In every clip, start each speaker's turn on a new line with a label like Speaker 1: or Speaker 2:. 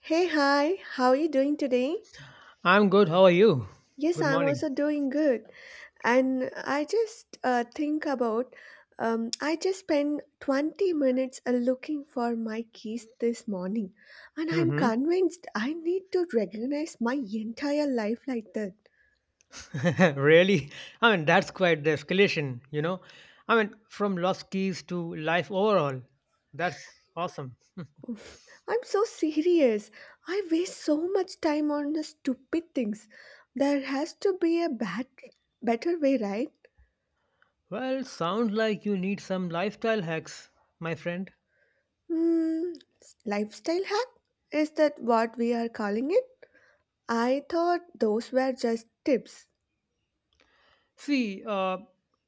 Speaker 1: Hey, hi, how are you doing today?
Speaker 2: I'm good. How are you?
Speaker 1: Yes,
Speaker 2: Good
Speaker 1: I'm
Speaker 2: morning.
Speaker 1: also doing good. And I just think about, I just spent 20 minutes looking for my keys this morning. And I'm
Speaker 2: Mm-hmm.
Speaker 1: convinced I need to recognize my entire life like that.
Speaker 2: Really? I mean, that's quite the escalation, you know? I mean, from lost keys to life overall. That's awesome.
Speaker 1: Oof, I'm so serious. I waste so much time on the stupid things. There has to be a better way, right?
Speaker 2: Well, sounds like you need some lifestyle hacks, my friend.
Speaker 1: Hmm, lifestyle hack? Is that what we are calling it? I thought those were just tips.
Speaker 2: See,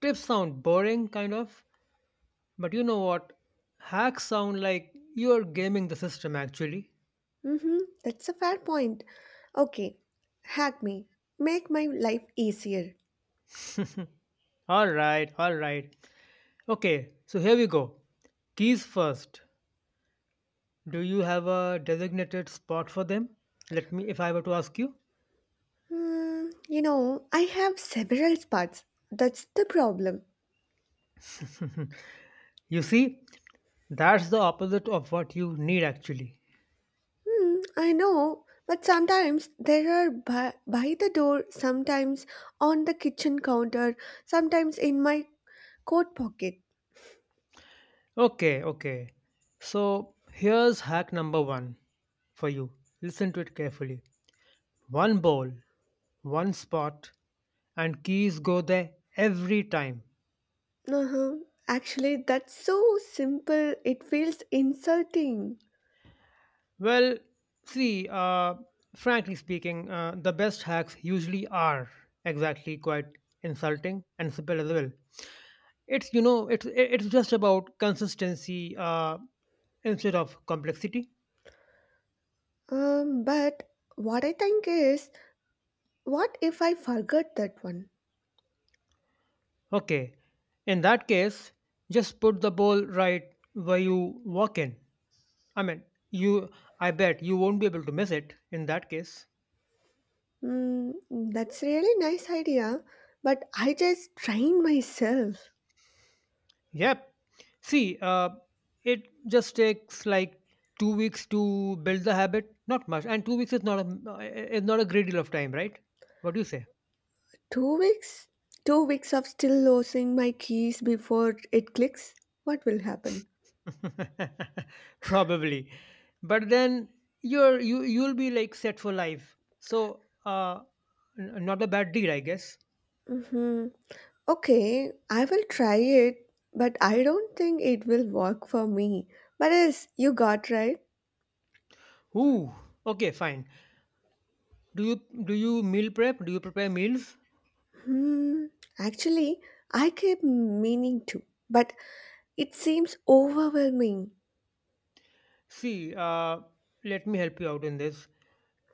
Speaker 2: tips sound boring, kind of, but you know what? Hacks sound like you're gaming the system, actually.
Speaker 1: Mm-hmm, that's a fair point. Okay, hack me. Make my life easier.
Speaker 2: All right, all right. Okay, so here we go. Keys first. Do you have a designated spot for them? Let me, if I were to ask you.
Speaker 1: Hmm, I have several spots. That's the problem.
Speaker 2: You see, that's the opposite of what you need actually.
Speaker 1: Hmm, I know, but sometimes there are by the door, sometimes on the kitchen counter, sometimes in my coat pocket.
Speaker 2: Okay, okay. So here's hack number one for you. Listen to it carefully. One bowl, one spot, and keys go there every time.
Speaker 1: Uh-huh. Actually, that's so simple, it feels insulting.
Speaker 2: Well, see, frankly speaking, the best hacks usually are exactly quite insulting and simple as well. It's you know it's just about consistency instead of complexity.
Speaker 1: But what I think is, what if I forget that one?
Speaker 2: Okay, in that case, just put the ball right where you walk in. I mean, you I bet you won't be able to miss it in that case.
Speaker 1: Mm, that's really nice idea, but I just trained myself.
Speaker 2: Yep. See, it just takes like 2 weeks to build the habit. Not much, and 2 weeks is not a great deal of time, right? What do you say?
Speaker 1: 2 weeks? 2 weeks of still losing my keys before it clicks? What will happen?
Speaker 2: Probably, but then you'll be like set for life, so uh not a bad deal, I guess.
Speaker 1: Mm-hmm. Okay, I will try it, but I don't think it will work for me. But yes, you got right.
Speaker 2: Ooh, okay, fine. Do you do you meal prep? Do you prepare meals?
Speaker 1: Hmm, actually, I keep meaning to, but it seems overwhelming.
Speaker 2: See, let me help you out in this.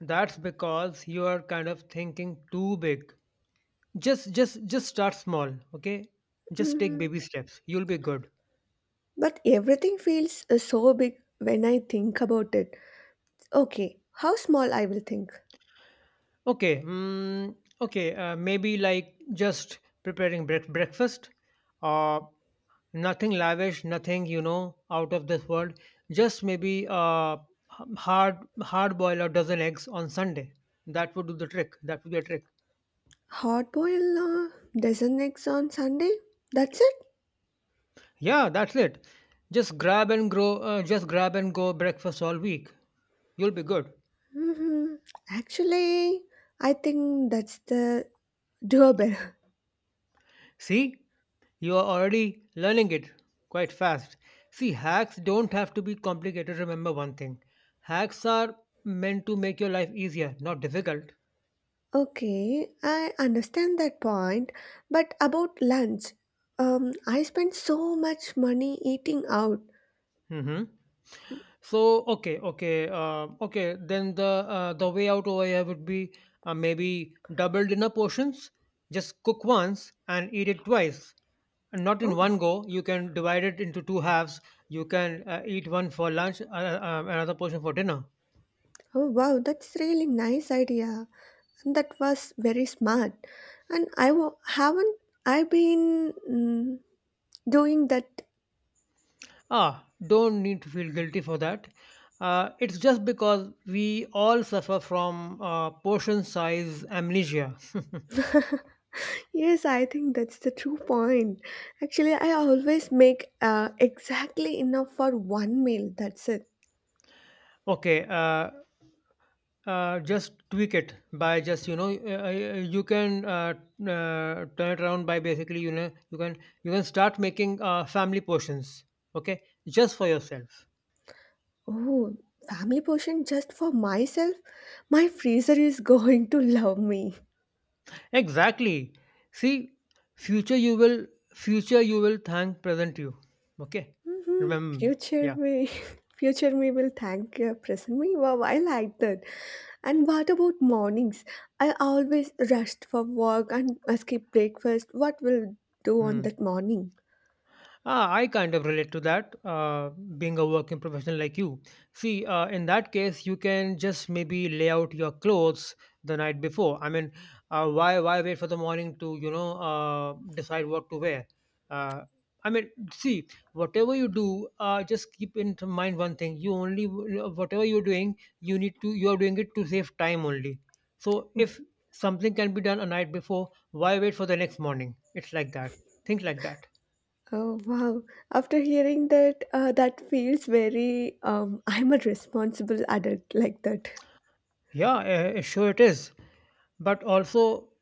Speaker 2: That's because you are kind of thinking too big. Just start small, okay? Just take
Speaker 1: Hmm,
Speaker 2: baby steps, you'll be good.
Speaker 1: but everything feels so big when I think about it. Okay, how small I will think?
Speaker 2: Okay, okay, maybe like just preparing breakfast, uh, nothing lavish, nothing, you know, out of this world. Just maybe h- hard hard boil a dozen eggs on Sunday. That would do the trick. That would be a trick.
Speaker 1: Hot boil dozen eggs on Sunday? That's it?
Speaker 2: Yeah, that's it. Just grab and grow. Just grab and go breakfast all week. You'll be good.
Speaker 1: Hmm, actually, I think that's the doable.
Speaker 2: See, you are already learning it quite fast. See, hacks don't have to be complicated. Remember one thing: hacks are meant to make your life easier, not difficult.
Speaker 1: Okay, I understand that point, but about lunch, I spend so much money eating out.
Speaker 2: hmm So, okay, okay, okay, then the way out over here would be maybe double dinner portions. Just cook once and eat it twice. And not in
Speaker 1: Oh,
Speaker 2: one go. You can divide it into two halves. You can eat one for lunch, another portion for dinner.
Speaker 1: oh, wow, that's really nice idea. And that was very smart. And haven't I been doing that.
Speaker 2: Ah, don't need to feel guilty for that. It's just because we all suffer from portion size amnesia.
Speaker 1: Yes, I think that's the true point. Actually, I always make exactly enough for one meal. That's it.
Speaker 2: Okay, just tweak it by just, you know, you can turn it around by basically, you know, you can start making family portions. Okay, just for yourself.
Speaker 1: Oh, family portion just for myself. My freezer is going to love me.
Speaker 2: Exactly. See, future you will future you will thank present you. Okay,
Speaker 1: Mhm.
Speaker 2: remember me.
Speaker 1: Future
Speaker 2: Yeah.
Speaker 1: me, future me will thank present me. Wow, I like that. And what about mornings? I always rushed for work and skip breakfast. What will do on
Speaker 2: Hmm.
Speaker 1: that morning?
Speaker 2: Ah, I kind of relate to that, being a working professional like you. See, in that case, you can just maybe lay out your clothes the night before. I mean, why wait for the morning to, you know, decide what to wear? Uh, I mean, see, whatever you do, just keep in mind one thing: you only whatever you're doing, you are doing it to save time only. So if something can be done a night before, why wait for the next morning? It's like that. Think like that.
Speaker 1: Oh wow! After hearing that, that feels very. I'm a responsible adult like that.
Speaker 2: Yeah, sure it is. But also,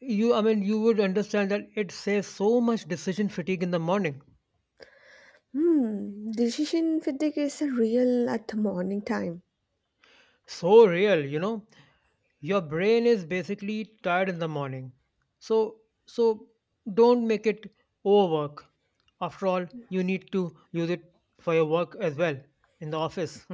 Speaker 2: I mean, you would understand that it saves so much decision fatigue in the morning.
Speaker 1: Hmm. Decision fatigue is a real at the morning time.
Speaker 2: So real, you know. Your brain is basically tired in the morning. So don't make it overwork. After all, you need to use it for your work as well in the office.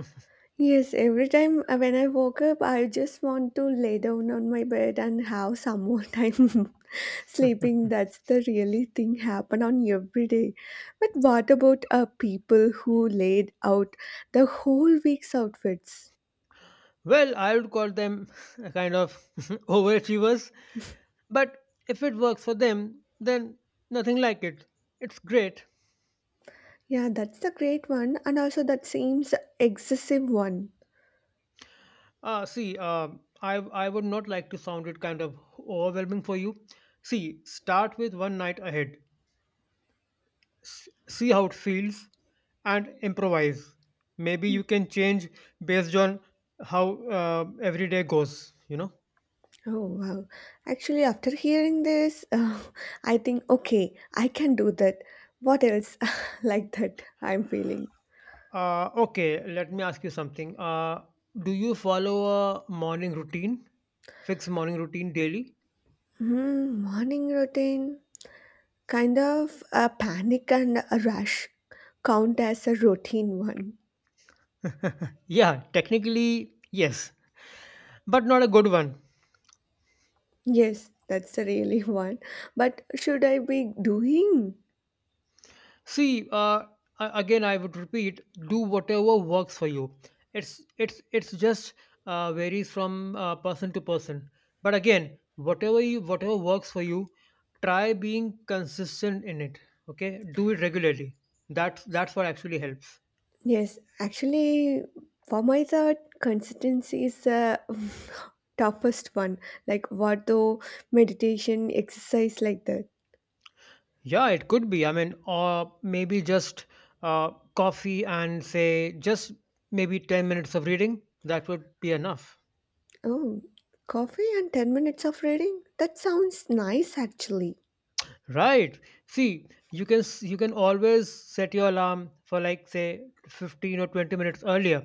Speaker 1: Yes, every time when I woke up, I just want to lay down on my bed and have some more time sleeping. That's the really thing happen on every day. But what about people who laid out the whole week's outfits?
Speaker 2: Well, I would call them a kind of overachievers, but if it works for them, then nothing like it. It's great.
Speaker 1: Yeah, that's the great one, and also that seems excessive one.
Speaker 2: See, I I would not like to sound it kind of overwhelming for you. See, start with one night ahead. See how it feels, and improvise. Maybe you can change based on how every day goes. You know.
Speaker 1: Oh wow! Actually, after hearing this, I think okay, I can do that. What else like that? I'm feeling.
Speaker 2: Okay, let me ask you something. Do you follow a morning routine, fixed morning routine daily?
Speaker 1: Hmm, morning routine, kind of a panic and a rush count as a routine one.
Speaker 2: Yeah, technically yes, but not a good one.
Speaker 1: Yes, that's a really one. But should I be doing?
Speaker 2: See, again, I would repeat: do whatever works for you. It's just varies from person to person. But again, whatever works for you, try being consistent in it. Okay, do it regularly. That's what actually helps.
Speaker 1: Yes, actually, for my thought, consistency is the toughest one. Like what though meditation, exercise like that.
Speaker 2: Yeah, it could be. I mean, or maybe just coffee and say just maybe 10 minutes of reading. That would be enough.
Speaker 1: Oh, coffee and 10 minutes of reading? That sounds nice actually.
Speaker 2: Right. See, you can you can always set your alarm for like say 15 or 20 minutes earlier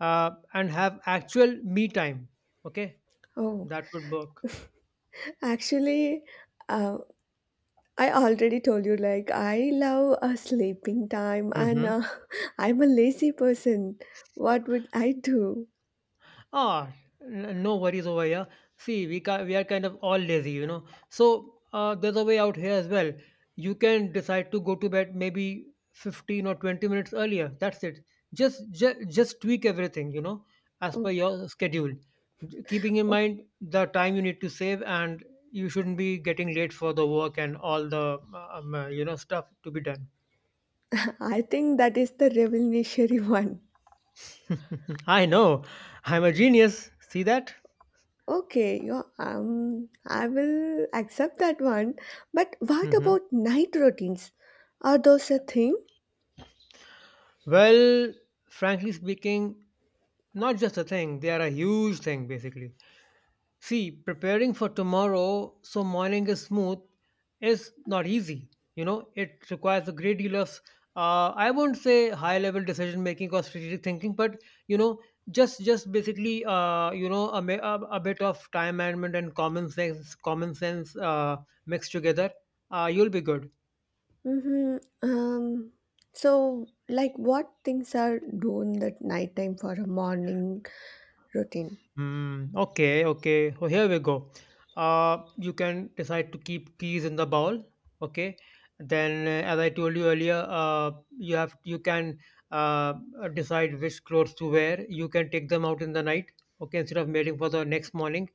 Speaker 2: and have actual me time. Okay,
Speaker 1: Oh,
Speaker 2: that would work.
Speaker 1: actually, uh, I already told you, like, I love a sleeping time and I'm a lazy person. What would I do?
Speaker 2: Ah, no worries over here. See, we are kind of all lazy, you know. So there's a way out here as well. You can decide to go to bed maybe 15 or 20 minutes earlier. That's it. Just just tweak everything, you know, as per
Speaker 1: Oh,
Speaker 2: your schedule, keeping in
Speaker 1: okay.
Speaker 2: mind the time you need to save, and you shouldn't be getting late for the work and all the you know stuff to be done.
Speaker 1: I think that is the revolutionary one.
Speaker 2: I know, I'm a genius. See that?
Speaker 1: Okay, yeah, I will accept that one. But what about night routines? Are those a thing?
Speaker 2: Well, frankly speaking, not just a thing, they are a huge thing basically. See, preparing for tomorrow so morning is smooth is not easy. You know, it requires a great deal of, I won't say high level decision making or strategic thinking, but you know, just basically, you know, a bit of time management and common sense mixed together, you'll be good.
Speaker 1: Mm-hmm. Um, so, like, what things are doing that nighttime for a morning routine?
Speaker 2: Mm, okay, okay. So here we go. You can decide to keep keys in the bowl. Okay. Then, as I told you earlier, you can uh, decide which clothes to wear. You can take them out in the night. Okay, instead of waiting for the next morning,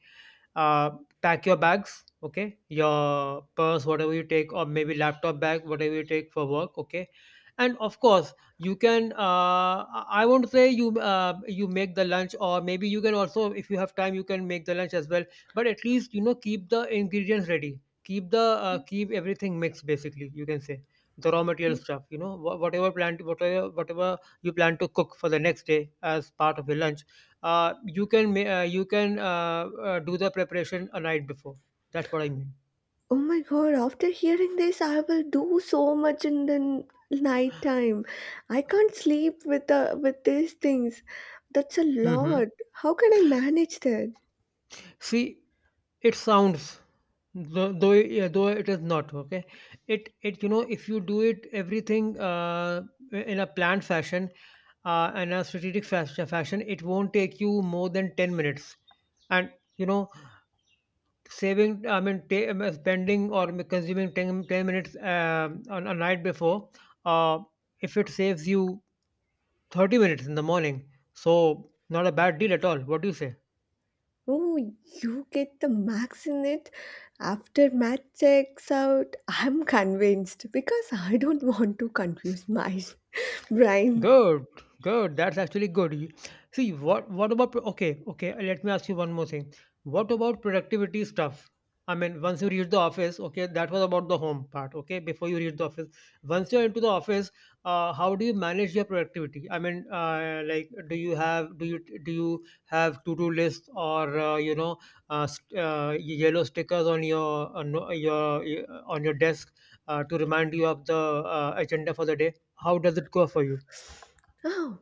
Speaker 2: uh, pack your bags, okay, your purse, whatever you take, or maybe laptop bag, whatever you take for work, okay, and of course you can, I won't say you you make the lunch, or maybe you can also, if you have time, you can make the lunch as well, but at least, you know, keep the ingredients ready, keep the keep everything mixed basically, you can say, the raw material stuff, you know, whatever plant whatever you plan to cook for the next day as part of your lunch. You can you can do the preparation a night before. That's what I mean.
Speaker 1: Oh my god, after hearing this, I will do so much in the night time. I can't sleep with these things. That's a
Speaker 2: hmm
Speaker 1: lot. How can I manage that?
Speaker 2: See, it sounds, though it, yeah, though it is not okay. It you know, if you do it everything in a planned fashion and a strategic fashion, it won't take you more than 10 minutes. And you know, saving, I mean spending or consuming ten minutes on a night before. Uh, if it saves you 30 minutes in the morning. So, not a bad deal at all. What do you say?
Speaker 1: Oh, you get the max in it after math checks out. I'm convinced because I don't want to confuse my brain.
Speaker 2: Good, good. That's actually good. You- See, what about okay, okay. Let me ask you one more thing. What about productivity stuff? I mean, once you reach the office, okay, that was about the home part, okay. Before you reach the office, once you're into the office, how do you manage your productivity? I mean, like, do you have to do lists, or, you know, uh, st- uh, yellow stickers on your on your your desk to remind you of the agenda for the day? How does it go for you?
Speaker 1: Oh,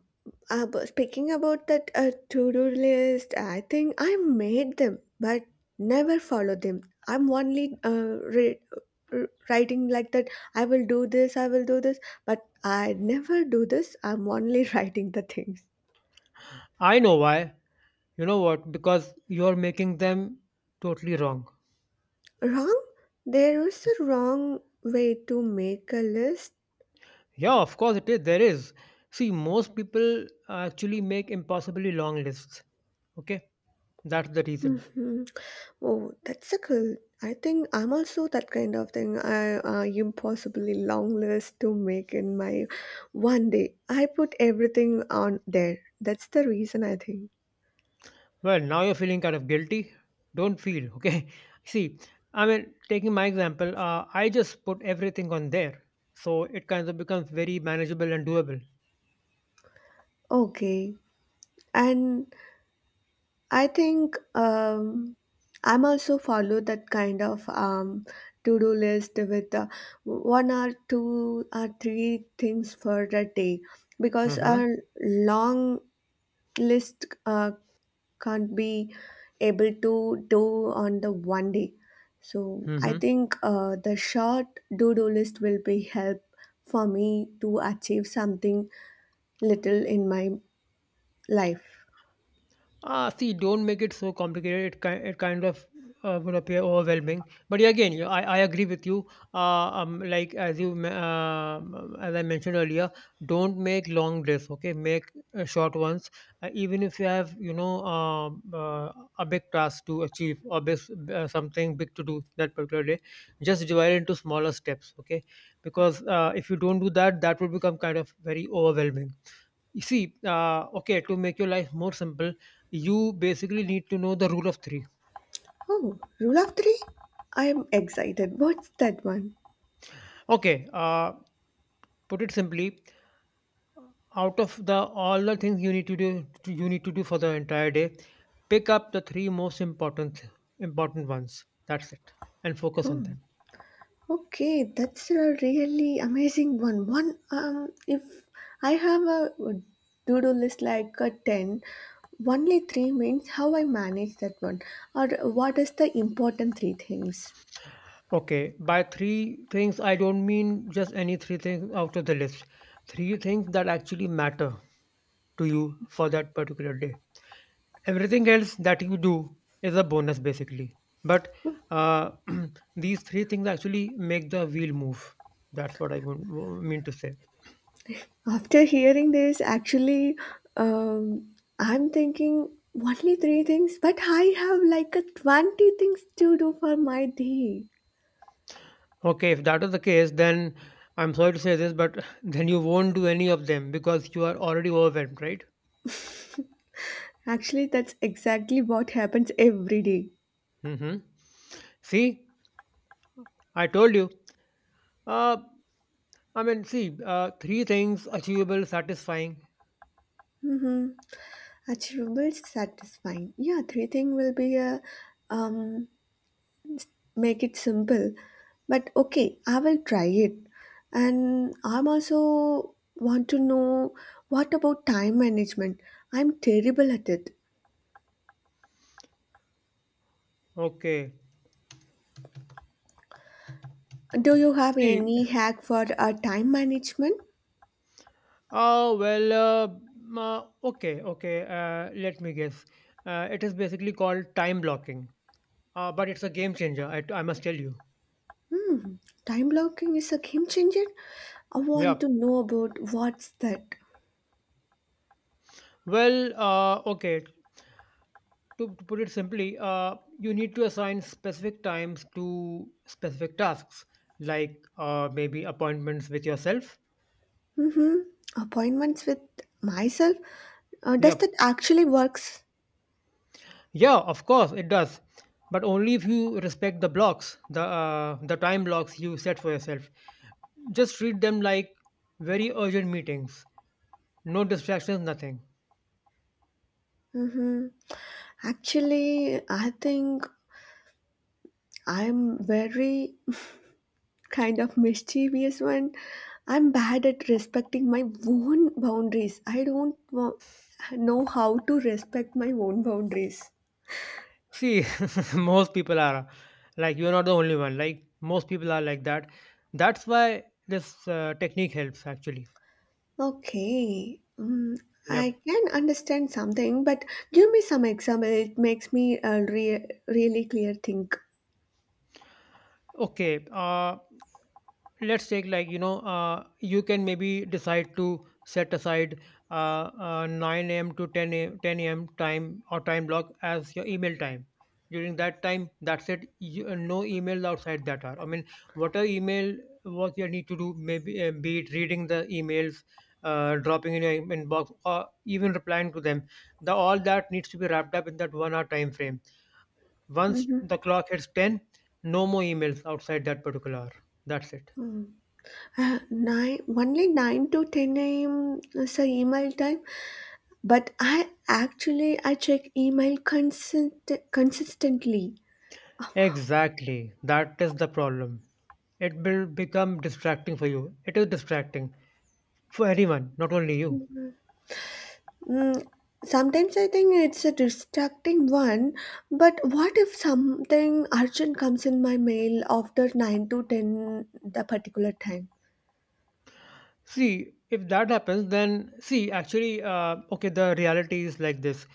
Speaker 1: but speaking about that to-do list, I think I made them, but never follow them. I'm only writing like that. I will do this. I will do this, but I never do this. I'm only writing the things.
Speaker 2: I know why. You know what? Because you're making them totally wrong.
Speaker 1: Wrong? There is a wrong way to make a list.
Speaker 2: Yeah, of course it is. There is. See, most people actually make impossibly long lists. Okay, that's the reason.
Speaker 1: Mhm. Oh, that's a cool. I think I'm also that kind of thing. I impossibly long list to make in my one day. I put everything on there. That's the reason I think.
Speaker 2: Well, now you're feeling kind of guilty. Don't feel. Okay. See, I mean, taking my example, I just put everything on there, so it kind of becomes very manageable and doable.
Speaker 1: Okay, and I think I'm also follow that kind of to-do list with one or two or three things for a day because
Speaker 2: Mm-hmm.
Speaker 1: a long list can't be able to do on the one day. So I
Speaker 2: Mm-hmm.
Speaker 1: think the short to-do list will be help for me to achieve something little in my life.
Speaker 2: Ah, see, don't make it so complicated. It kind of would appear overwhelming. But yeah, again, you I agree with you. Like as I mentioned earlier, don't make long lists. Okay, make short ones. Even if you have, you know, um uh, a big task to achieve or big, something big to do that particular day, just divide it into smaller steps. Okay, because if you don't do that, that will become kind of very overwhelming. You see, okay, to make your life more simple, you basically need to know the rule of three.
Speaker 1: Oh, rule of three? I am excited. What's that one?
Speaker 2: Okay, uh, put it simply, out of the all the things you need to do, you need to do for the entire day, pick up the three most important ones. That's it, and focus on
Speaker 1: Oh.
Speaker 2: them.
Speaker 1: Okay, that's a really amazing one. If I have a to-do list like a 10, only three means how I manage that one, or what is the important three things.
Speaker 2: Okay, by three things, I don't mean just any three things out of the list. Three things that actually matter to you for that particular day. Everything else that you do is a bonus basically, but uh, these three things actually make the wheel move. That's what I mean to say.
Speaker 1: After hearing this, actually, I'm thinking only three things, but I have like a 20 things to do for my day.
Speaker 2: Okay, if that is the case, then I'm sorry to say this, but then you won't do any of them because you are already overwhelmed, right?
Speaker 1: Actually, that's exactly what happens every day.
Speaker 2: Mm-hmm. See, I told you. uh, I mean, see, three things, achievable, satisfying.
Speaker 1: Mm-hmm. Achievable, satisfying. Yeah, three thing will be a um, make it simple. But okay, I will try it. And I'm also want to know what about time management? I'm terrible at it.
Speaker 2: Okay,
Speaker 1: Do you have
Speaker 2: see,
Speaker 1: any hack for time management?
Speaker 2: oh, well, okay. Let me guess. It is basically called time blocking, but it's a game changer, I must tell you.
Speaker 1: Hmm, time blocking is a game changer. I want
Speaker 2: Yeah.
Speaker 1: to know about what's that.
Speaker 2: Well, okay. To put it simply, you need to assign specific times to specific tasks, like maybe appointments with yourself.
Speaker 1: Mm-hmm. Appointments with myself. Does that
Speaker 2: Yep.
Speaker 1: actually works?
Speaker 2: Yeah, of course it does, but only if you respect the blocks, the time blocks you set for yourself. Just treat them like very urgent meetings. No distractions, nothing.
Speaker 1: hmm Actually, I think I'm very kind of mischievous one. I'm bad at respecting my own boundaries. I don't know how to respect my own boundaries.
Speaker 2: See, most people are like, you're not the only one. Like most people are like that. That's why this technique helps actually.
Speaker 1: Okay. Mm, I
Speaker 2: Yep.
Speaker 1: can understand something, but give me some example. It makes me really clear think.
Speaker 2: Okay. Let's take, like you know, you can maybe decide to set aside uh, 9 a.m to 10 a.m, 10 a.m time or time block as your email time. During that time, that's it. No emails outside that hour, I mean, whatever email work you need to do, maybe be it reading the emails, dropping in your inbox, or even replying to them, the all that needs to be wrapped up in that 1 hour time frame. Once
Speaker 1: Mm-hmm.
Speaker 2: the clock hits 10, no more emails outside that particular hour. That's it.
Speaker 1: Mm. Only 9 to 10 a.m. is the email time. But I actually I check email consistently.
Speaker 2: Exactly. That is the problem. It will become distracting for you. It is distracting for anyone, not only you.
Speaker 1: mm, Sometimes I think it's a distracting one, but what if something urgent comes in my mail after 9 to 10 the particular time?
Speaker 2: See, if that happens, then see, actually, okay, the reality is like this.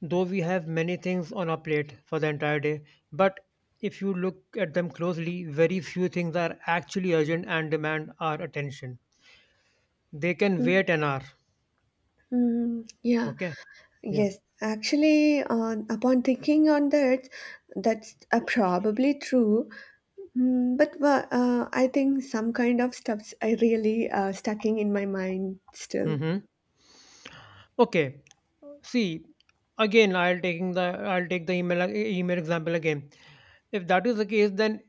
Speaker 2: Though we have many things on our plate for the entire day, but if you look at them closely, very few things are actually urgent and demand our attention. They can
Speaker 1: Mm,
Speaker 2: wait an hour.
Speaker 1: yeah,
Speaker 2: Okay. Yeah.
Speaker 1: yes, actually, on upon thinking on that, that's probably true. Mm, but I think some kind of stuff's I really stuck in my mind still.
Speaker 2: Mm-hmm. Okay. See, again, I'll taking the I'll take the email email example again. If that is the case,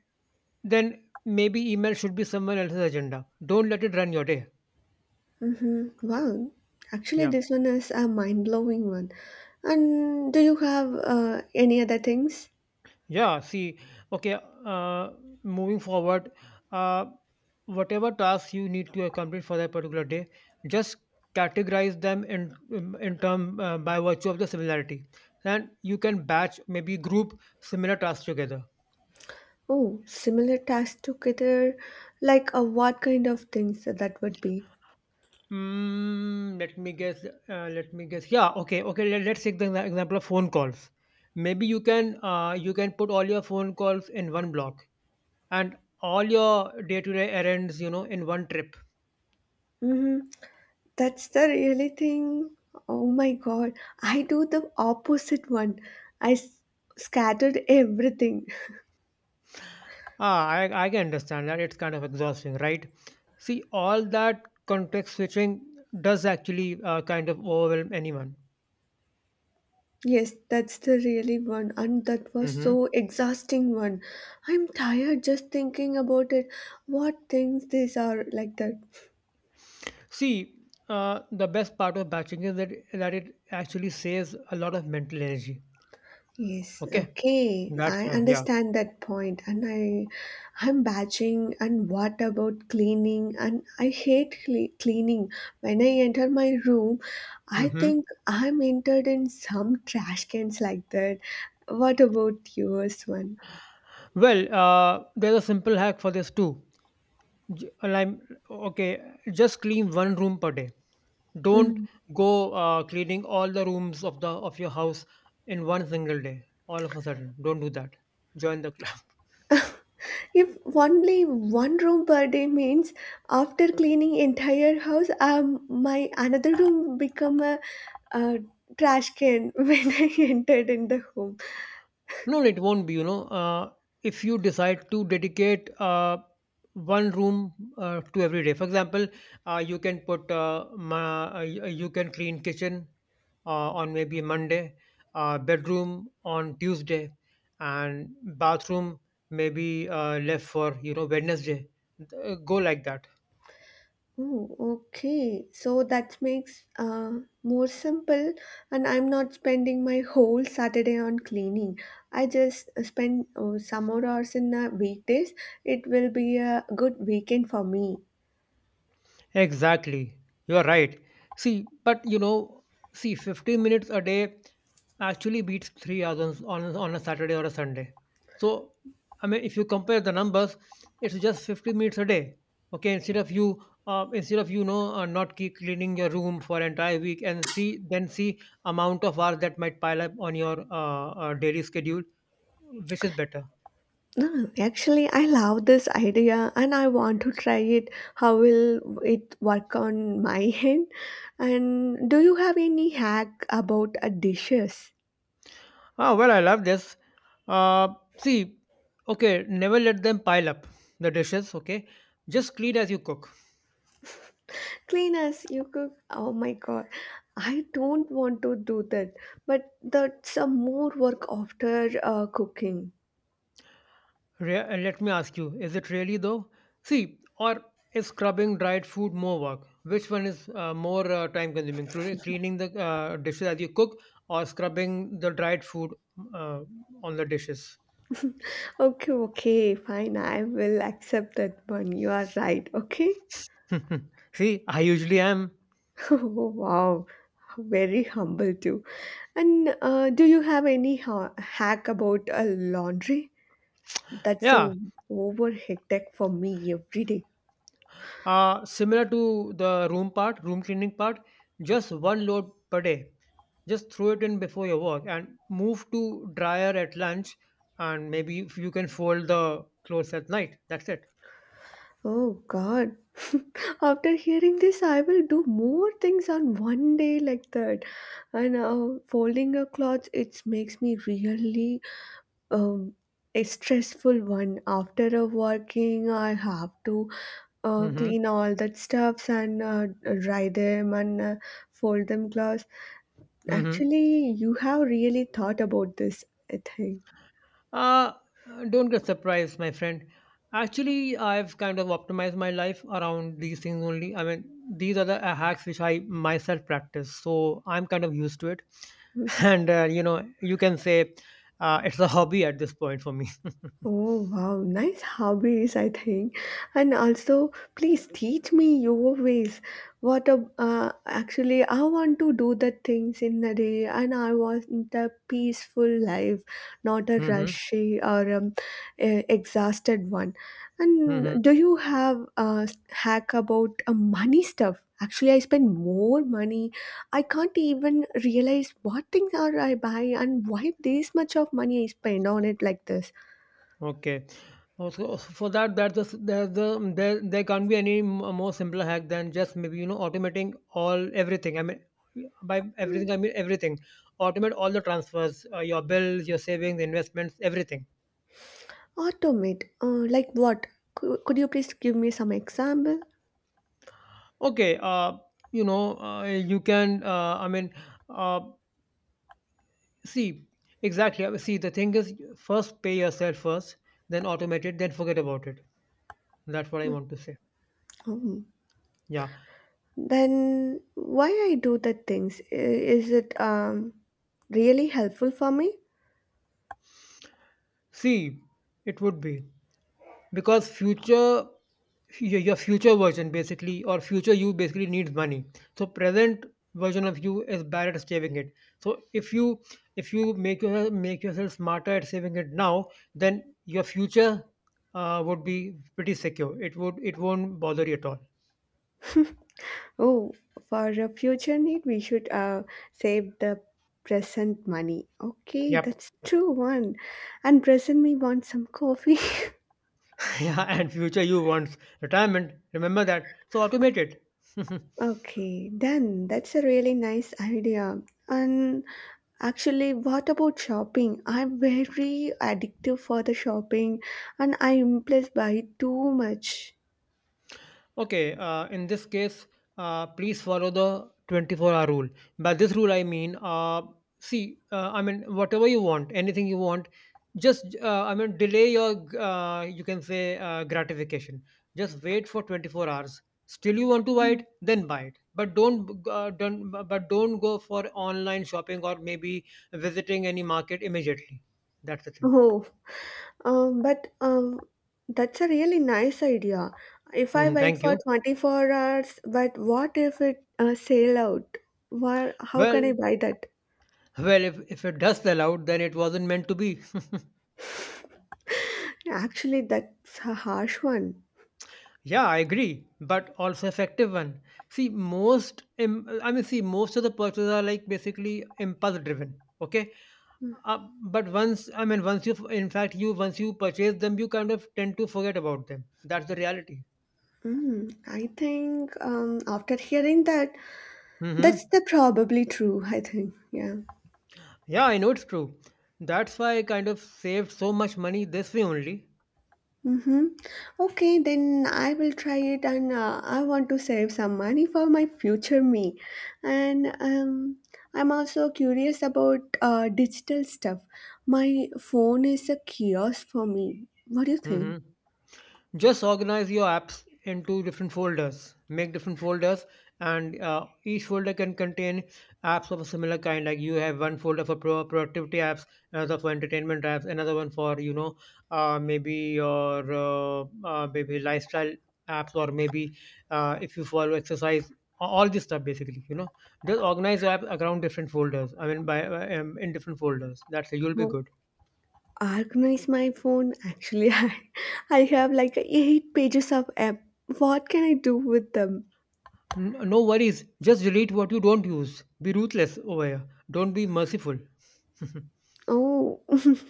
Speaker 2: then maybe email should be someone else's agenda. Don't let it run your day.
Speaker 1: Mm, wow, actually,
Speaker 2: Yeah,
Speaker 1: this one is a mind-blowing one. And do you have any other things?
Speaker 2: yeah. See, okay. Uh, Moving forward, uh, whatever tasks you need to accomplish for that particular day, just categorize them in term by virtue of the similarity, and you can batch, maybe group similar tasks together.
Speaker 1: Oh, similar tasks together, like what kind of things that would be?
Speaker 2: Mm, let me guess. Yeah. Okay. Okay. Let's take the example of phone calls. Maybe you can put all your phone calls in one block, and all your day to day errands, you know, in one trip.
Speaker 1: Mm-hmm. That's the really thing. Oh my God, I do the opposite one. I scattered everything.
Speaker 2: Ah, I can understand that. It's kind of exhausting, right? See, all that context switching does actually kind of overwhelm anyone.
Speaker 1: Yes, that's the really one, and that was
Speaker 2: Hmm.
Speaker 1: so exhausting one. I'm tired just thinking about it. What things these are like that.
Speaker 2: See, the best part of batching is that it actually saves a lot of mental energy.
Speaker 1: Yes,
Speaker 2: Okay,
Speaker 1: okay.
Speaker 2: that's
Speaker 1: I
Speaker 2: why. Yeah.
Speaker 1: understand that point, and I'm batching, and what about cleaning? And I hate cleaning. When I enter my room, I
Speaker 2: Mhm.
Speaker 1: think I'm entered in some trash cans like that. What about yours one?
Speaker 2: Well, there's a simple hack for this too. And okay. Just clean one room per day. Don't
Speaker 1: Mm.
Speaker 2: go cleaning all the rooms of the of your house in one single day. All of a sudden, don't do that. Join the club.
Speaker 1: If only one room per day means after cleaning entire house, my another room become a trash can when I entered in the home.
Speaker 2: No, it won't be. You know, if you decide to dedicate one room to every day, for example, you can you can clean kitchen on maybe Monday, bedroom on Tuesday, and bathroom maybe left for you know Wednesday. Go like that.
Speaker 1: Oh, okay. So that makes more simple, and I'm not spending my whole Saturday on cleaning. I just spend some more hours in the weekdays. It will be a good weekend for me.
Speaker 2: Exactly. You're right. See, but you know, see, 15 minutes a day actually beats 3 hours on, on a Saturday or a Sunday. So, I mean, if you compare the numbers, it's just 15 minutes a day. Okay, instead of you know, not keep cleaning your room for entire week and see, then see amount of hours that might pile up on your daily schedule, which is better.
Speaker 1: No, no, actually, I love this idea, and I want to try it. How will it work on my end? And do you have any hack about dishes?
Speaker 2: Oh, well, I love this. Uh, See, okay, never let them pile up the dishes, okay? Just clean as you cook.
Speaker 1: Cleaners, you cook. Oh my god. I don't want to do that. But that's a more work after cooking.
Speaker 2: And let me ask you, is it really though? See, or is scrubbing dried food more work? Which one is more time consuming? Cleaning the dishes as you cook or scrubbing the dried food uh, on the dishes?
Speaker 1: Okay, okay, fine. I will accept that one. You are right. Okay.
Speaker 2: See, I usually am.
Speaker 1: Oh, wow. Very humble too. And do you have any hack about laundry? That's a
Speaker 2: Yeah,
Speaker 1: over hectic for me every day.
Speaker 2: Similar to the room cleaning part, just one load per day. Just throw it in before your work and move to dryer at lunch. And maybe if you can fold the clothes at night. That's it.
Speaker 1: Oh God. After hearing this, I will do more things on one day like that. And folding a cloth, it makes me really um, a stressful one. After a working, I have to
Speaker 2: Mm-hmm.
Speaker 1: clean all that stuffs and dry them and fold them clothes.
Speaker 2: Mm-hmm.
Speaker 1: Actually, you have really thought about this, I think.
Speaker 2: Uh, don't get surprised, my friend. Actually, I've kind of optimized my life around these things only. I mean, these are the hacks which I myself practice, so I'm kind of used to it. And you know, you can say it's a hobby at this point for me.
Speaker 1: Oh wow, nice hobbies, I think. And also, please teach me your ways. Actually, I want to do the things in a day, and I want a peaceful life, not a
Speaker 2: Hmm.
Speaker 1: rushy or exhausted one. And
Speaker 2: Hmm.
Speaker 1: do you have a hack about money stuff? Actually, I spend more money. I can't even realize what things are I buy and why this much of money I spend on it like this.
Speaker 2: Okay. Also, for that, there's there can't be any more simpler hack than just maybe, you know, automating all everything. I mean, by
Speaker 1: Hmm.
Speaker 2: everything, I mean everything. Automate all the transfers, your bills, your savings, investments, everything.
Speaker 1: Automate. Like what? Could you please give me some example?
Speaker 2: Okay. You know, you can, I mean, uh, see, exactly. I See, the thing is, first pay yourself first, then automate it, then forget about it. That's what I want to say.
Speaker 1: Oh.
Speaker 2: Yeah.
Speaker 1: Then why I do the things? Is it really helpful for me?
Speaker 2: See, it would be, because future your future version basically, or future you basically needs money. So present version of you is bad at saving it. So if you, if you make yourself smarter at saving it now, then your future would be pretty secure. It would it won't bother you at all.
Speaker 1: Oh, for a future need, we should save the present money. Okay,
Speaker 2: Yep.
Speaker 1: that's true one. And present me want some coffee.
Speaker 2: Yeah, and future you wants retirement, remember that, so automate it.
Speaker 1: Okay, then that's a really nice idea. And actually, what about shopping? I'm very addictive for the shopping, and I impulse buy too much.
Speaker 2: Okay, in this case, please follow the 24-hour rule. By this rule, I mean, see, I mean, whatever you want, anything you want, just, I mean, delay your, you can say, gratification. Just wait for 24 hours. Still, you want to buy
Speaker 1: Mm.
Speaker 2: it, then buy it. But don't go for online shopping or maybe visiting any market immediately. That's the thing.
Speaker 1: Oh, but that's a really nice idea. If I
Speaker 2: Mhm,
Speaker 1: wait
Speaker 2: thank
Speaker 1: for
Speaker 2: you.
Speaker 1: 24 hours, but what if it sale out? Where, how can I
Speaker 2: Well,
Speaker 1: buy that?
Speaker 2: well, if it does sell out, then it wasn't meant to be.
Speaker 1: Actually, that's a harsh one.
Speaker 2: Yeah, I agree, but also effective one. See, I mean, see, most of the purchases are like basically impulse driven. Okay, uh, but once you, in fact, you once you purchase them, you kind of tend to forget about them. That's the reality.
Speaker 1: Mm, I think after hearing that, that's
Speaker 2: Hmm.
Speaker 1: the probably true, I think. Yeah.
Speaker 2: Yeah, I know it's true. That's why I kind of saved so much money this way only.
Speaker 1: Mm-hmm. Okay, then I will try it, and I want to save some money for my future me. And I'm also curious about digital stuff. My phone is a kiosk for me. What do you
Speaker 2: Hmm.
Speaker 1: think?
Speaker 2: Just organize your apps into different folders, make different folders, and each folder can contain apps of a similar kind. Like you have one folder for productivity apps, another for entertainment apps, another one for you know, maybe your maybe lifestyle apps, or maybe if you follow exercise all this stuff basically, you know. Just organize your apps around different folders, I mean in different folders. That's it, you'll be
Speaker 1: Oh,
Speaker 2: good.
Speaker 1: organize my phone. Actually, I have like eight pages of app. What can I do with them?
Speaker 2: No worries. Just delete what you don't use. Be ruthless over here. Don't be merciful.
Speaker 1: Oh.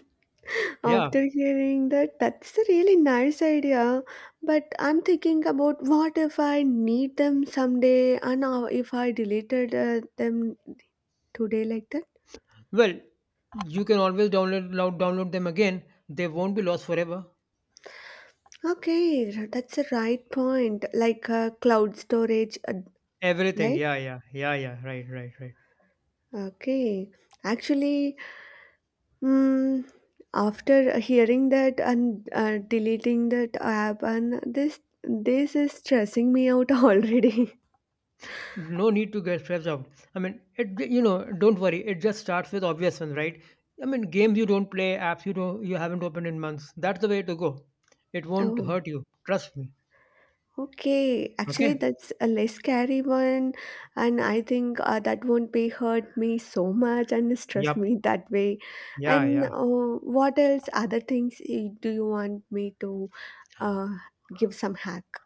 Speaker 2: Yeah.
Speaker 1: After hearing that, that's a really nice idea. But I'm thinking about what if I need them someday, and if I deleted them today like that?
Speaker 2: Well, you can always download them again. They won't be lost forever.
Speaker 1: Okay, that's a right point. Like cloud storage,
Speaker 2: Everything.
Speaker 1: right?
Speaker 2: Yeah, yeah, yeah, yeah. Right, right, right.
Speaker 1: Okay. Actually, mm, after hearing that and deleting that app, and this is stressing me out already.
Speaker 2: No need to get stressed out. I mean, it. You know, don't worry. It just starts with obvious ones, right? I mean, games you don't play, apps you haven't opened in months. That's the way to go. It won't
Speaker 1: Oh.
Speaker 2: hurt you. Trust me.
Speaker 1: Okay, actually,
Speaker 2: Okay.
Speaker 1: that's a less scary one, and I think that won't be hurt me so much and stress
Speaker 2: Yep.
Speaker 1: me that way.
Speaker 2: Yeah.
Speaker 1: And
Speaker 2: Yeah.
Speaker 1: what else, other things do you want me to uh, give some hack?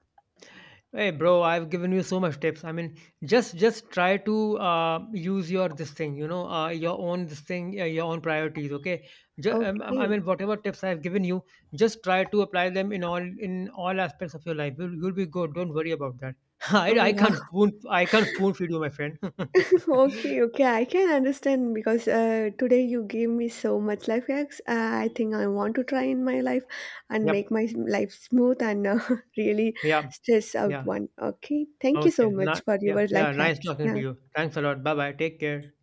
Speaker 2: Hey bro, I've given you so much tips. I mean, just try to use your this thing, you know, your own this thing, your own priorities. Okay, I
Speaker 1: Okay.
Speaker 2: mean, whatever tips I've given you, just try to apply them in all aspects of your life. You'll be good. Don't worry about that.
Speaker 1: Oh, wow.
Speaker 2: I can't spoon feed you, my friend.
Speaker 1: Okay, okay, I can understand because today you gave me so much life hacks. I think I want to try in my life and make
Speaker 2: Yep.
Speaker 1: my life smooth and really
Speaker 2: Yeah.
Speaker 1: stress out
Speaker 2: Yeah.
Speaker 1: one. Okay, thank you so
Speaker 2: Okay.
Speaker 1: much
Speaker 2: Not,
Speaker 1: for
Speaker 2: yeah.
Speaker 1: your life
Speaker 2: Yeah. Nice
Speaker 1: hacks.
Speaker 2: talking to
Speaker 1: Yeah,
Speaker 2: you. Thanks a lot. Bye bye. Take care.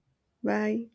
Speaker 1: bye.